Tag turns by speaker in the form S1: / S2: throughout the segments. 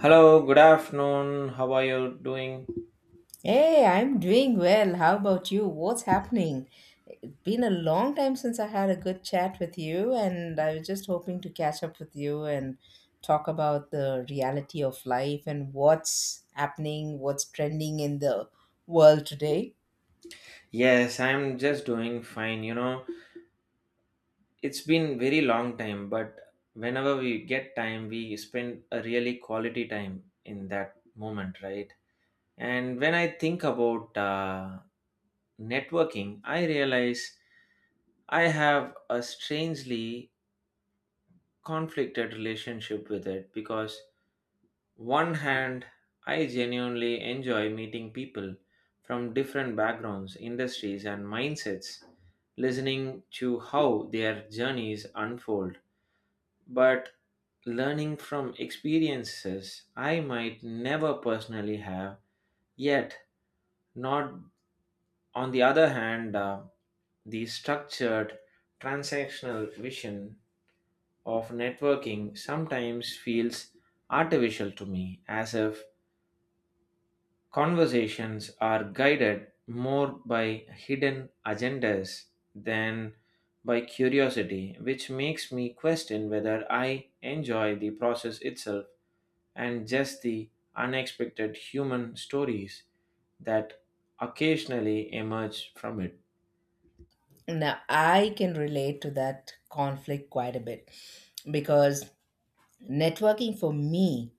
S1: Hello, good afternoon. How are you doing?
S2: Hey, I'm doing well. How about you? What's happening? It's been a long time since I had a good chat with you, and I was just hoping to catch up with you and talk about the reality of life and what's happening, what's trending in the world today.
S1: Yes, I'm just doing fine. You know, it's been very long time, but whenever we get time, we spend a really quality time in that moment, right? And when I think about networking, I realize I have a strangely conflicted relationship with it because one hand, I genuinely enjoy meeting people from different backgrounds, industries, and mindsets, listening to how their journeys unfold, but learning from experiences I might never personally have. Yet, not on the other hand, the structured transactional vision of networking sometimes feels artificial to me, as if conversations are guided more by hidden agendas than by curiosity, which makes me question whether I enjoy the process itself and just the unexpected human stories that occasionally emerge from it.
S2: Now, I can relate to that conflict quite a bit because networking for me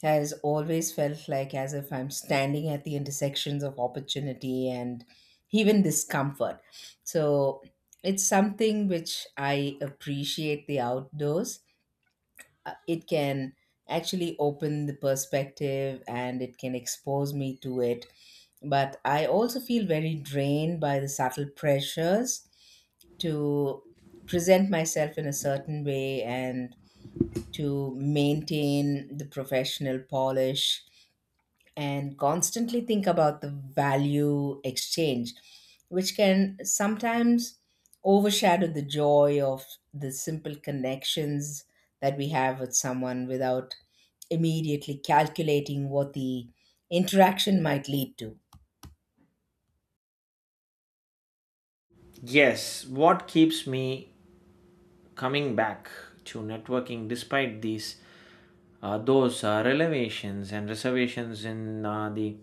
S2: has always felt like as if I'm standing at the intersections of opportunity and even discomfort. So it's something which I appreciate the outdoors. It can actually open the perspective and it can expose me to it. But I also feel very drained by the subtle pressures to present myself in a certain way and to maintain the professional polish and constantly think about the value exchange, which can sometimes overshadow the joy of the simple connections that we have with someone without immediately calculating what the interaction might lead to.
S1: Yes, what keeps me coming back to networking despite these those revelations and reservations in the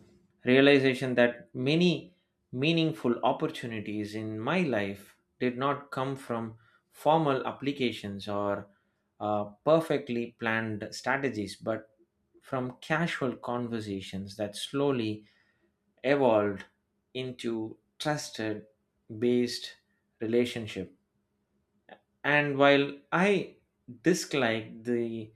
S1: realization that many meaningful opportunities in my life did not come from formal applications or perfectly planned strategies, but from casual conversations that slowly evolved into trusted based relationship. And while I dislike the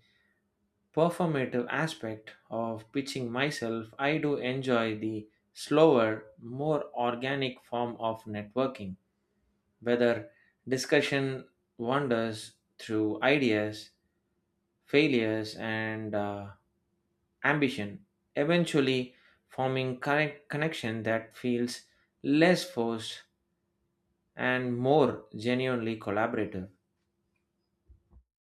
S1: performative aspect of pitching myself, I do enjoy the slower, more organic form of networking, whether discussion wanders through ideas, failures, and ambition, eventually forming correct connection that feels less forced and more genuinely collaborative.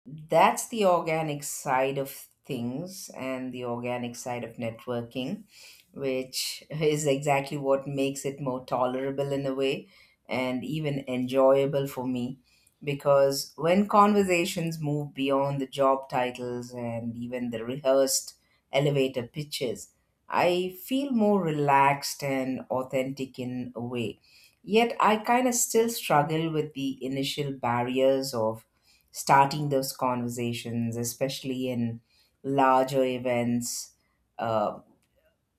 S2: That's the organic side of things and the organic side of networking, which is exactly what makes it more tolerable in a way and even enjoyable for me. Because when conversations move beyond the job titles and even the rehearsed elevator pitches, I feel more relaxed and authentic in a way. Yet I kind of still struggle with the initial barriers of starting those conversations, especially in larger events, uh,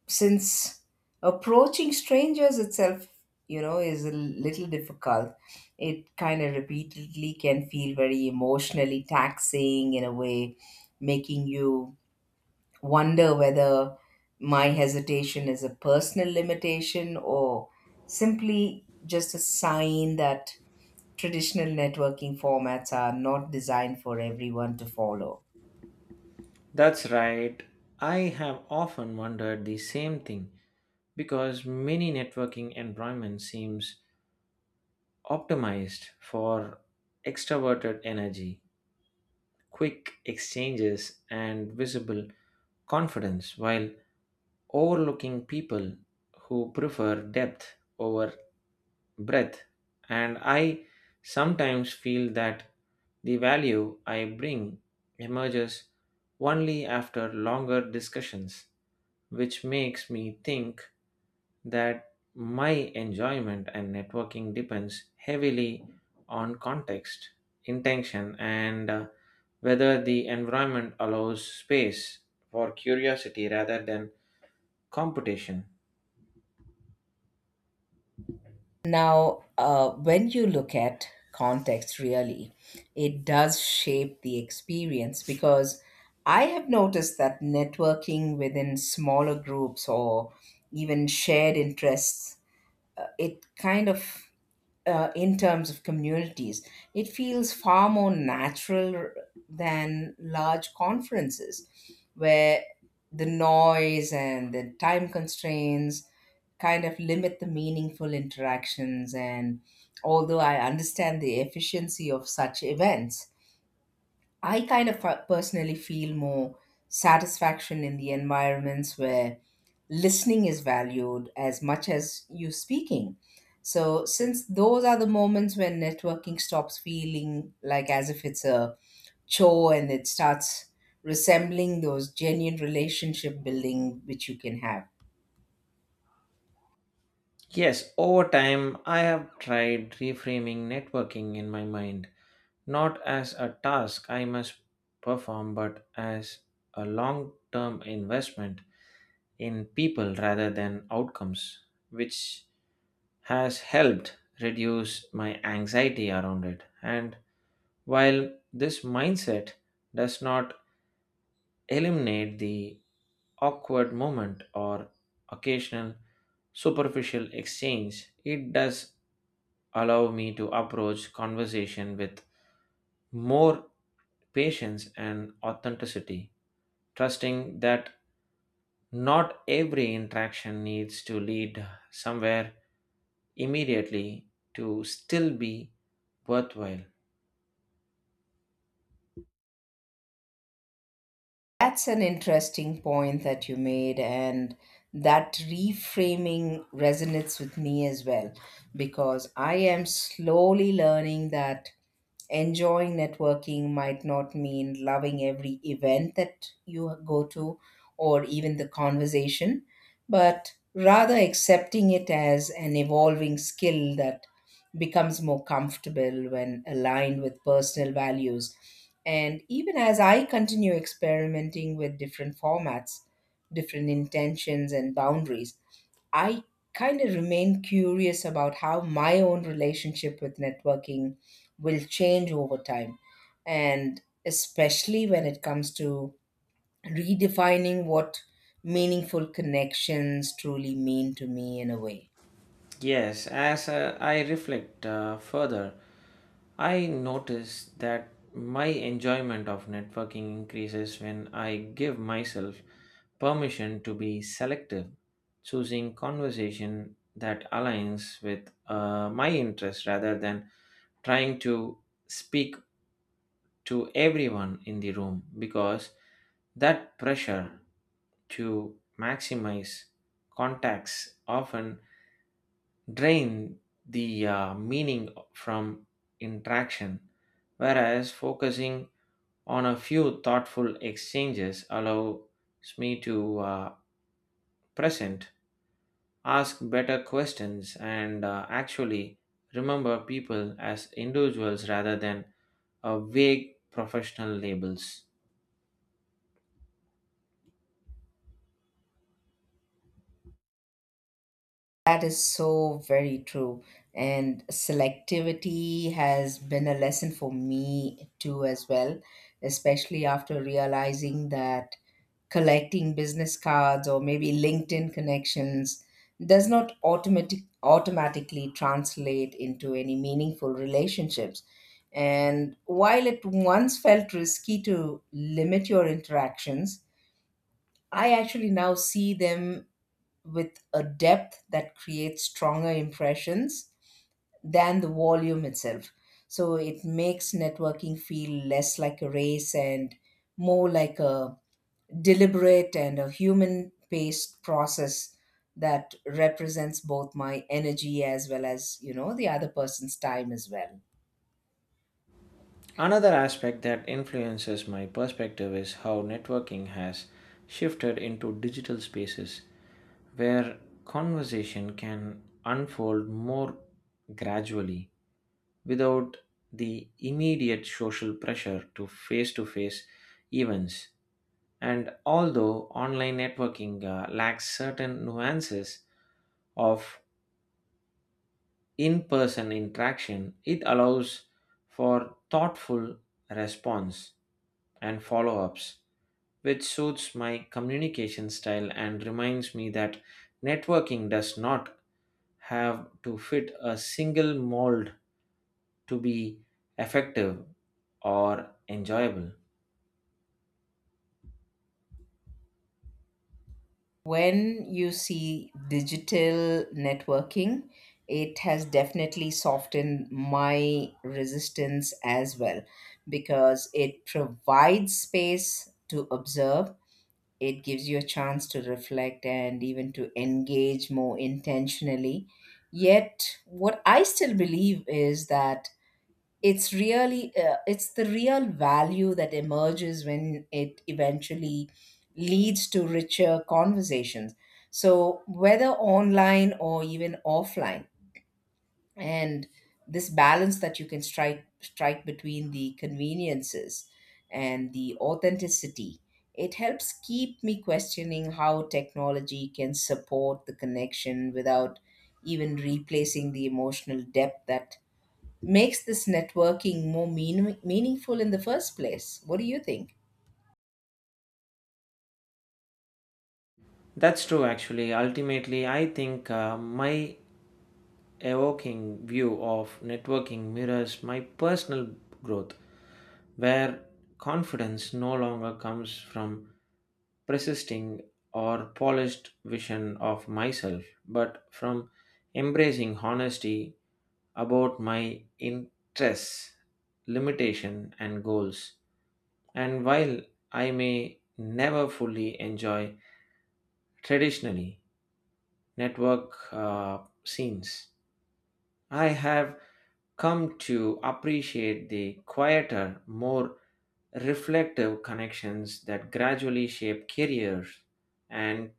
S2: since approaching strangers itself, is a little difficult. It kind of repeatedly can feel very emotionally taxing in a way, making you wonder whether my hesitation is a personal limitation or simply just a sign that traditional networking formats are not designed for everyone to follow.
S1: That's right. I have often wondered the same thing because many networking environments seems optimized for extroverted energy, quick exchanges and visible confidence while overlooking people who prefer depth over breadth, and I sometimes feel that the value I bring emerges only after longer discussions, which makes me think that my enjoyment and networking depends heavily on context, intention, and whether the environment allows space for curiosity rather than competition.
S2: Now, when you look at context, really, it does shape the experience because I have noticed that networking within smaller groups or even shared interests it kind of in terms of communities it feels far more natural than large conferences where the noise and the time constraints kind of limit the meaningful interactions, and although I understand the efficiency of such events I kind of personally feel more satisfaction in the environments where listening is valued as much as you speaking. So, since those are the moments when networking stops feeling like as if it's a chore and it starts resembling those genuine relationship building which you can have.
S1: Yes, over time, I have tried reframing networking in my mind, not as a task I must perform, but as a long term investment in people rather than outcomes, which has helped reduce my anxiety around it. And while this mindset does not eliminate the awkward moment or occasional superficial exchange, it does allow me to approach conversation with more patience and authenticity, trusting that not every interaction needs to lead somewhere immediately to still be worthwhile.
S2: That's an interesting point that you made, and that reframing resonates with me as well because I am slowly learning that enjoying networking might not mean loving every event that you go to or even the conversation, but rather accepting it as an evolving skill that becomes more comfortable when aligned with personal values. And even as I continue experimenting with different formats, different intentions, and boundaries, I kind of remain curious about how my own relationship with networking will change over time. And especially when it comes to redefining what meaningful connections truly mean to me in a way.
S1: Yes, as I reflect further, I notice that my enjoyment of networking increases when I give myself permission to be selective, choosing conversation that aligns with my interests rather than trying to speak to everyone in the room because that pressure to maximize contacts often drain the meaning from interaction, whereas focusing on a few thoughtful exchanges allows me to present, ask better questions, and actually remember people as individuals rather than vague professional labels.
S2: That is so very true. And selectivity has been a lesson for me too, as well, especially after realizing that collecting business cards or maybe LinkedIn connections does not automatically translate into any meaningful relationships. And while it once felt risky to limit your interactions, I actually now see them with a depth that creates stronger impressions than the volume itself. So it makes networking feel less like a race and more like a deliberate and a human paced process that represents both my energy as well as the other person's time as well.
S1: Another aspect that influences my perspective is how networking has shifted into digital spaces where conversation can unfold more gradually without the immediate social pressure to face events. And although online networking lacks certain nuances of in person interaction, it allows for thoughtful response and follow ups, which suits my communication style and reminds me that networking does not have to fit a single mold to be effective or enjoyable.
S2: When you see digital networking, it has definitely softened my resistance as well because it provides space to observe. It gives you a chance to reflect and even to engage more intentionally. Yet, what I still believe is that it's the real value that emerges when it eventually leads to richer conversations, so whether online or even offline, and this balance that you can strike between the conveniences and the authenticity, it helps keep me questioning how technology can support the connection without even replacing the emotional depth that makes this networking more meaningful in the first place. What do you think?
S1: That's true, actually. Ultimately, I think my evoking view of networking mirrors my personal growth, where confidence no longer comes from persisting or polished vision of myself, but from embracing honesty about my interests, limitation, and goals. And while I may never fully enjoy traditionally network scenes, I have come to appreciate the quieter, more reflective connections that gradually shape careers and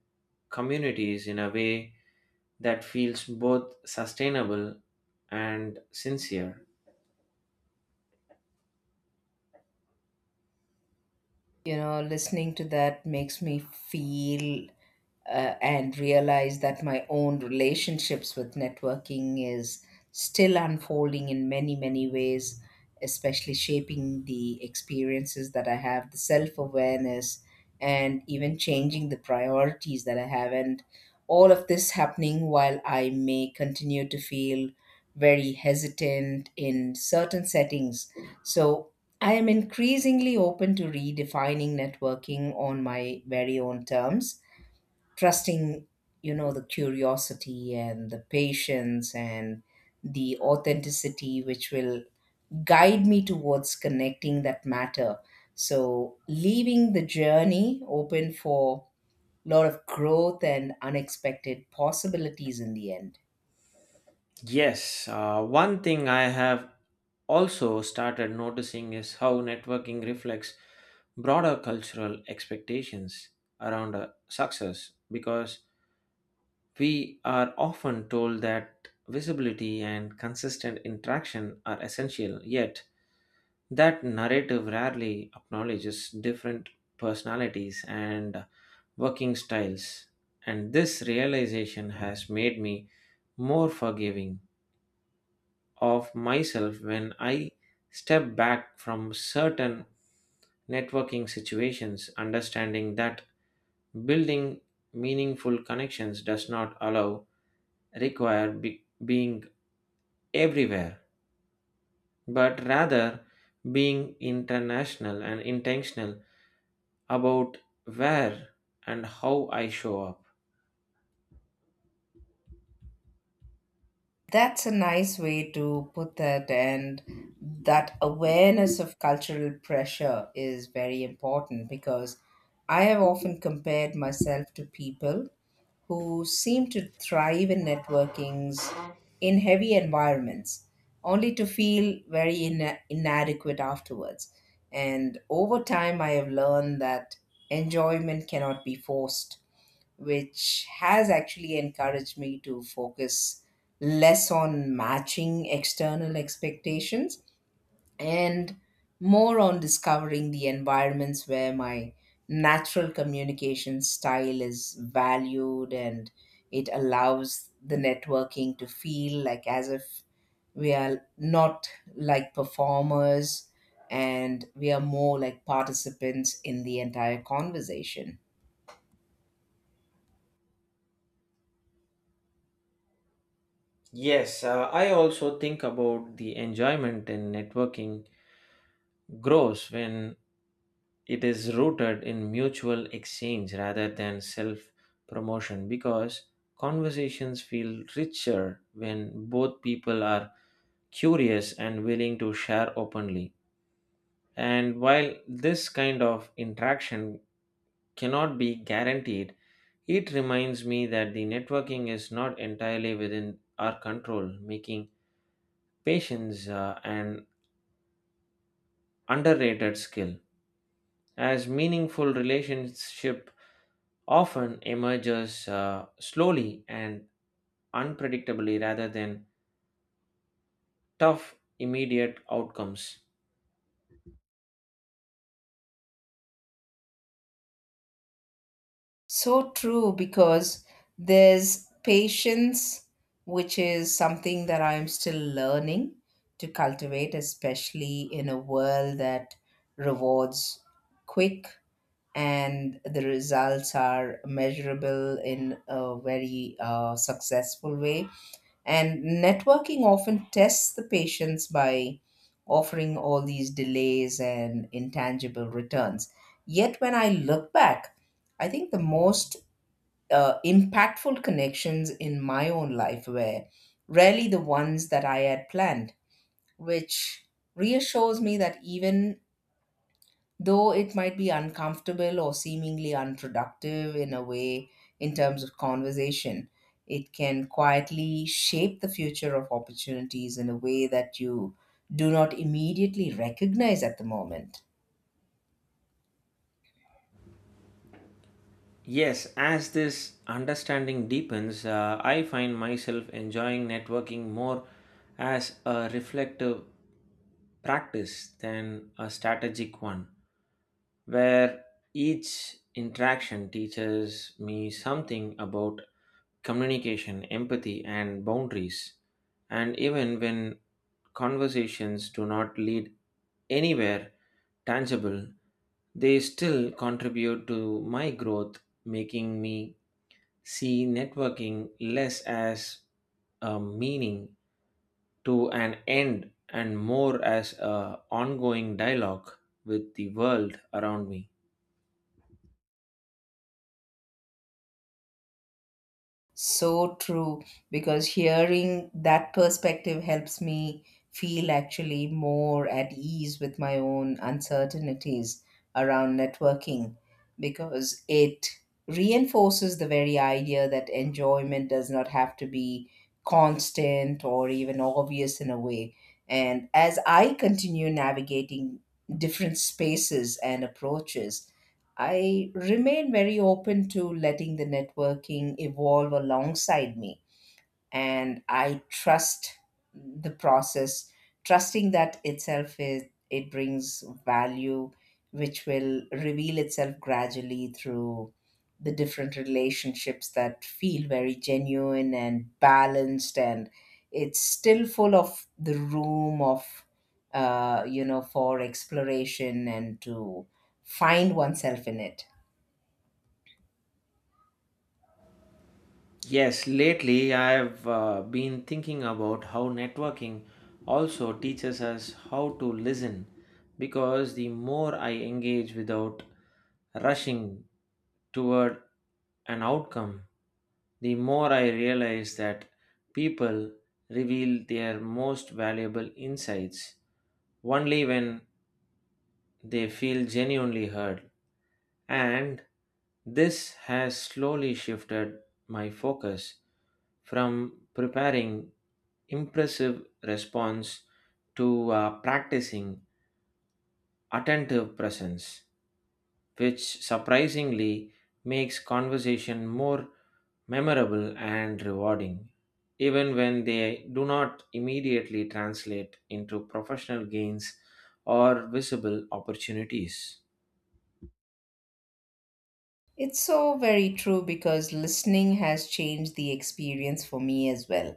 S1: communities in a way that feels both sustainable and sincere.
S2: You know, listening to that makes me feel and realize that my own relationships with networking is still unfolding in many many ways, especially shaping the experiences that I have, the self-awareness and even changing the priorities that I have, and all of this happening while I may continue to feel very hesitant in certain settings. So I am increasingly open to redefining networking on my very own terms, trusting, the curiosity and the patience and the authenticity which will guide me towards connecting that matter. So, leaving the journey open for a lot of growth and unexpected possibilities in the end.
S1: Yes, one thing I have also started noticing is how networking reflects broader cultural expectations around success because we are often told that visibility and consistent interaction are essential, yet, that narrative rarely acknowledges different personalities and working styles. And this realization has made me more forgiving of myself when I step back from certain networking situations, understanding that building meaningful connections does not allow require being everywhere, but rather being international and intentional about where and how I show up.
S2: That's a nice way to put that, and that awareness of cultural pressure is very important because I have often compared myself to people who seem to thrive in networkings in heavy environments, only to feel very inadequate afterwards. And over time, I have learned that enjoyment cannot be forced, which has actually encouraged me to focus less on matching external expectations and more on discovering the environments where my natural communication style is valued, and it allows the networking to feel like as if we are not like performers and we are more like participants in the entire conversation.
S1: Yes, I also think about the enjoyment in networking grows when it is rooted in mutual exchange rather than self promotion because conversations feel richer when both people are curious and willing to share openly. And while this kind of interaction cannot be guaranteed, it reminds me that the networking is not entirely within our control, making patience an underrated skill. As meaningful relationship often emerges slowly and unpredictably rather than tough, immediate outcomes.
S2: So true, because there's patience, which is something that I'm still learning to cultivate, especially in a world that rewards quick and the results are measurable in a very successful way. And networking often tests the patience by offering all these delays and intangible returns. Yet, when I look back, I think the most impactful connections in my own life were rarely the ones that I had planned, which reassures me that even though it might be uncomfortable or seemingly unproductive in a way in terms of conversation, it can quietly shape the future of opportunities in a way that you do not immediately recognize at the moment.
S1: Yes, as this understanding deepens, I find myself enjoying networking more as a reflective practice than a strategic one, where each interaction teaches me something about communication, empathy, and boundaries. And even when conversations do not lead anywhere tangible, they still contribute to my growth, making me see networking less as a meaning to an end and more as a ongoing dialogue with the world around me.
S2: So true, because hearing that perspective helps me feel actually more at ease with my own uncertainties around networking, because it reinforces the very idea that enjoyment does not have to be constant or even obvious in a way. And as I continue navigating different spaces and approaches, I remain very open to letting the networking evolve alongside me. And I trust the process, trusting that itself is, it brings value, which will reveal itself gradually through the different relationships that feel very genuine and balanced. And it's still full of the room of, for exploration and to find oneself in it.
S1: Yes, lately I've been thinking about how networking also teaches us how to listen because the more I engage without rushing toward an outcome, the more I realize that people reveal their most valuable insights only when they feel genuinely heard. And this has slowly shifted my focus from preparing impressive response to practicing attentive presence, which surprisingly makes conversation more memorable and rewarding, even when they do not immediately translate into professional gains or visible opportunities.
S2: It's so very true because listening has changed the experience for me as well.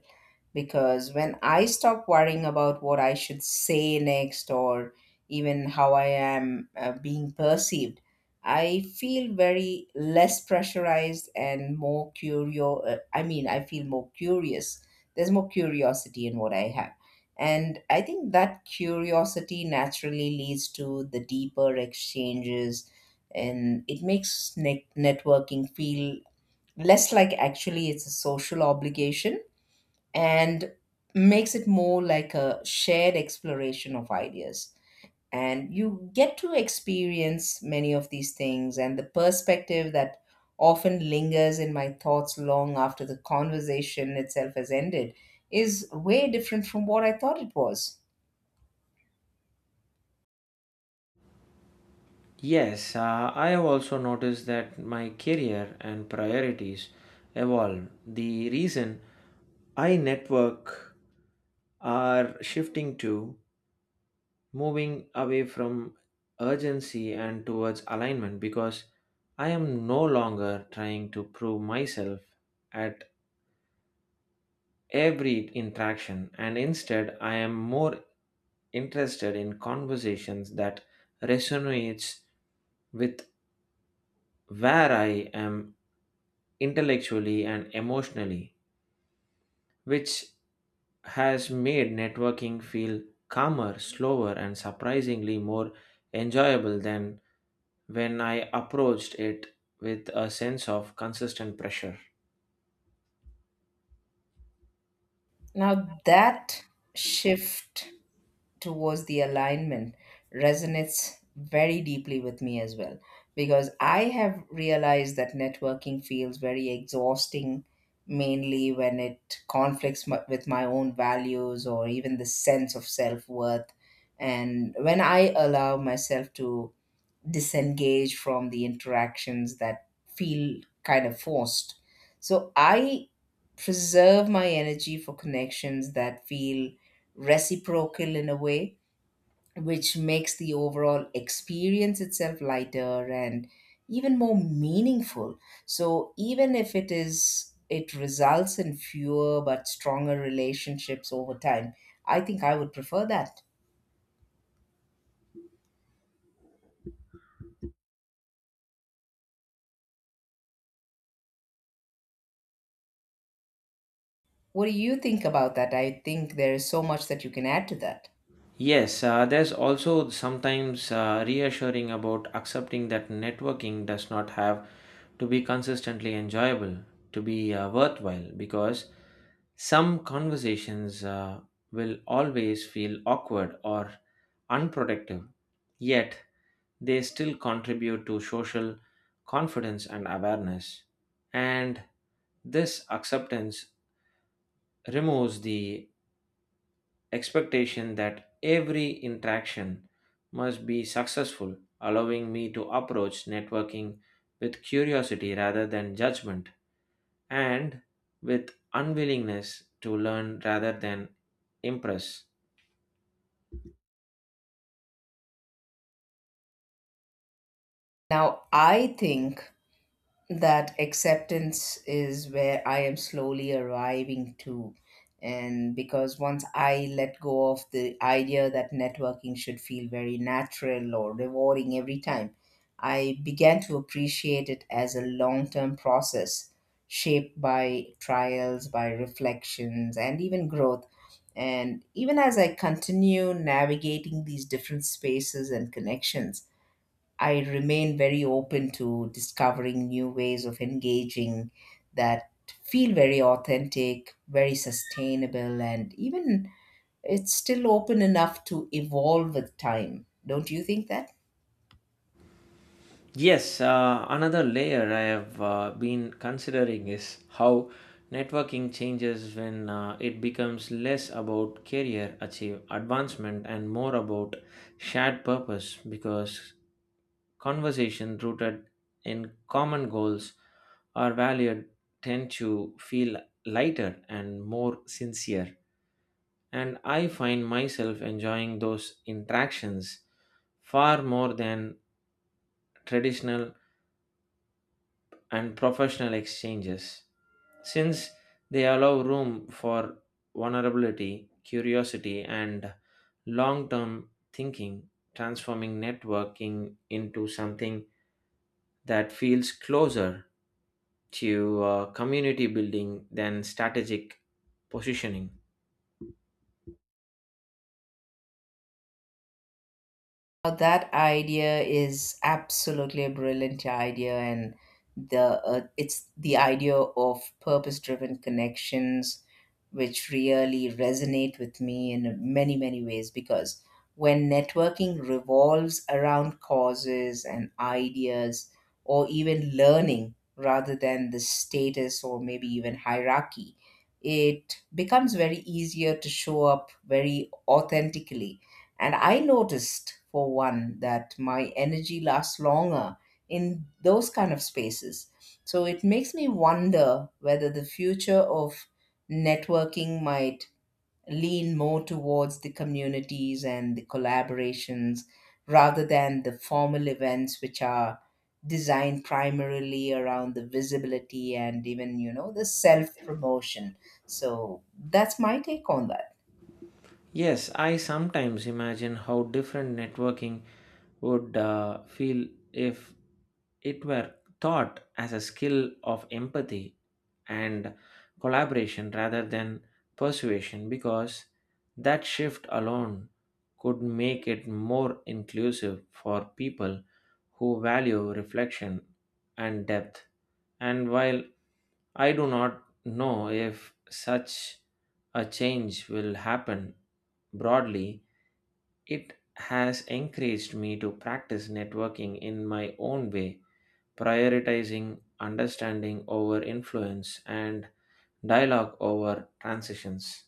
S2: Because when I stop worrying about what I should say next or even how I am being perceived, I feel very less pressurized and more curio. I mean, I feel more curious. There's more curiosity in what I have. And I think that curiosity naturally leads to the deeper exchanges, and it makes networking feel less like actually it's a social obligation and makes it more like a shared exploration of ideas, and you get to experience many of these things and the perspective that often lingers in my thoughts long after the conversation itself has ended is way different from what I thought it was.
S1: Yes, I have also noticed that my career and priorities evolve. The reason I network are shifting to moving away from urgency and towards alignment because I am no longer trying to prove myself at every interaction, and instead I am more interested in conversations that resonates with where I am intellectually and emotionally, which has made networking feel calmer, slower, and surprisingly more enjoyable than when I approached it with a sense of consistent pressure.
S2: Now that shift towards the alignment resonates very deeply with me as well because I have realized that networking feels very exhausting mainly when it with my own values or even the sense of self-worth, and when I allow myself to disengage from the interactions that feel kind of forced, so I preserve my energy for connections that feel reciprocal in a way, which makes the overall experience itself lighter and even more meaningful. So even if it is it results in fewer but stronger relationships over time, I think I would prefer that. What do you think about that? I think there is so much that you can add to that.
S1: Yes, there's also sometimes reassuring about accepting that networking does not have to be consistently enjoyable, to be worthwhile, because some conversations will always feel awkward or unproductive, yet they still contribute to social confidence and awareness. And this acceptance removes the expectation that every interaction must be successful, allowing me to approach networking with curiosity rather than judgment and with unwillingness to learn rather than impress.
S2: Now, I think that acceptance is where I am slowly arriving to. And because once I let go of the idea that networking should feel very natural or rewarding every time, I began to appreciate it as a long term process shaped by trials, by reflections, and even growth. And even as I continue navigating these different spaces and connections, I remain very open to discovering new ways of engaging that feel very authentic, very sustainable, and even it's still open enough to evolve with time. Don't you think that?
S1: Yes, another layer I have been considering is how networking changes when it becomes less about career achieve advancement and more about shared purpose because conversation rooted in common goals are valued tend to feel lighter and more sincere, and I find myself enjoying those interactions far more than traditional and professional exchanges, since they allow room for vulnerability, curiosity, and long term thinking, transforming networking into something that feels closer to community building than strategic positioning.
S2: Now that idea is absolutely a brilliant idea, and the it's the idea of purpose-driven connections, which really resonate with me in many many ways. Because when networking revolves around causes and ideas, or even learning rather than the status or maybe even hierarchy, it becomes very easier to show up very authentically, and I noticed, for one, that my energy lasts longer in those kind of spaces. So it makes me wonder whether the future of networking might lean more towards the communities and the collaborations rather than the formal events which are designed primarily around the visibility and even the self promotion. So that's my take on that.
S1: Yes, I sometimes imagine how different networking would feel if it were taught as a skill of empathy and collaboration rather than persuasion because that shift alone could make it more inclusive for people who value reflection and depth, and while I do not know if such a change will happen broadly, it has encouraged me to practice networking in my own way, prioritizing understanding over influence and dialogue over transitions.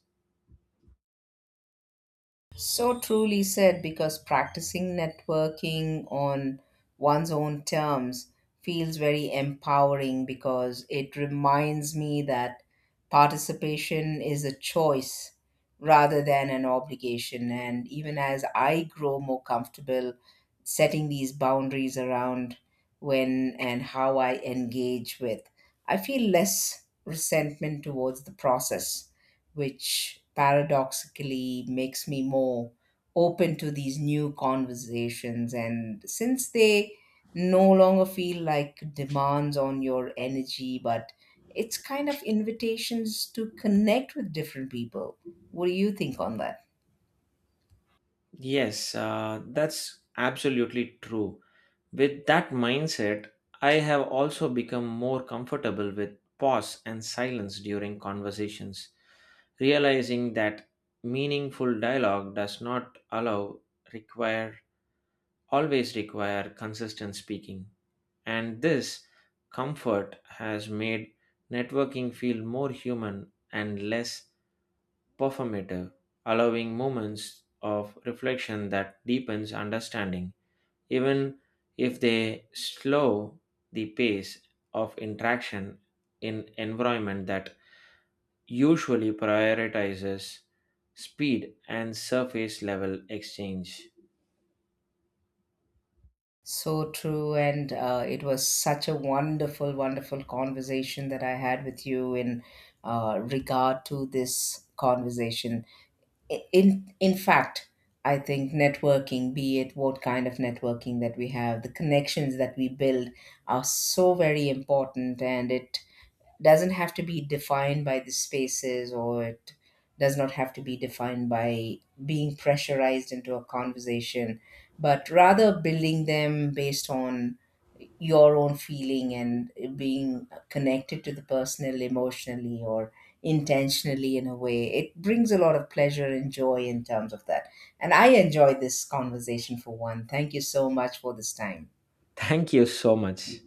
S2: So truly said, because practicing networking on one's own terms feels very empowering because it reminds me that participation is a choice rather than an obligation. And even as I grow more comfortable setting these boundaries around when and how I engage with, I feel less resentment towards the process which paradoxically makes me more open to these new conversations. And since they no longer feel like demands on your energy, but it's kind of invitations to connect with different people. What do you think on that?
S1: Yes, that's absolutely true. With that mindset, I have also become more comfortable with pause and silence during conversations, realizing that meaningful dialogue does not allow require always require consistent speaking. And this comfort has made networking feel more human and less performative, allowing moments of reflection that deepens understanding, even if they slow the pace of interaction in environment that usually prioritizes speed and surface level exchange.
S2: So true, and it was such a wonderful, wonderful conversation that I had with you in regard to this conversation. In fact, I think networking, be it what kind of networking that we have, the connections that we build are so very important, and it doesn't have to be defined by the spaces or it does not have to be defined by being pressurized into a conversation, but rather building them based on your own feeling and being connected to the personal emotionally or intentionally in a way, it brings a lot of pleasure and joy in terms of that, and I enjoy this conversation for one. Thank you so much for this time.
S1: Thank you so much.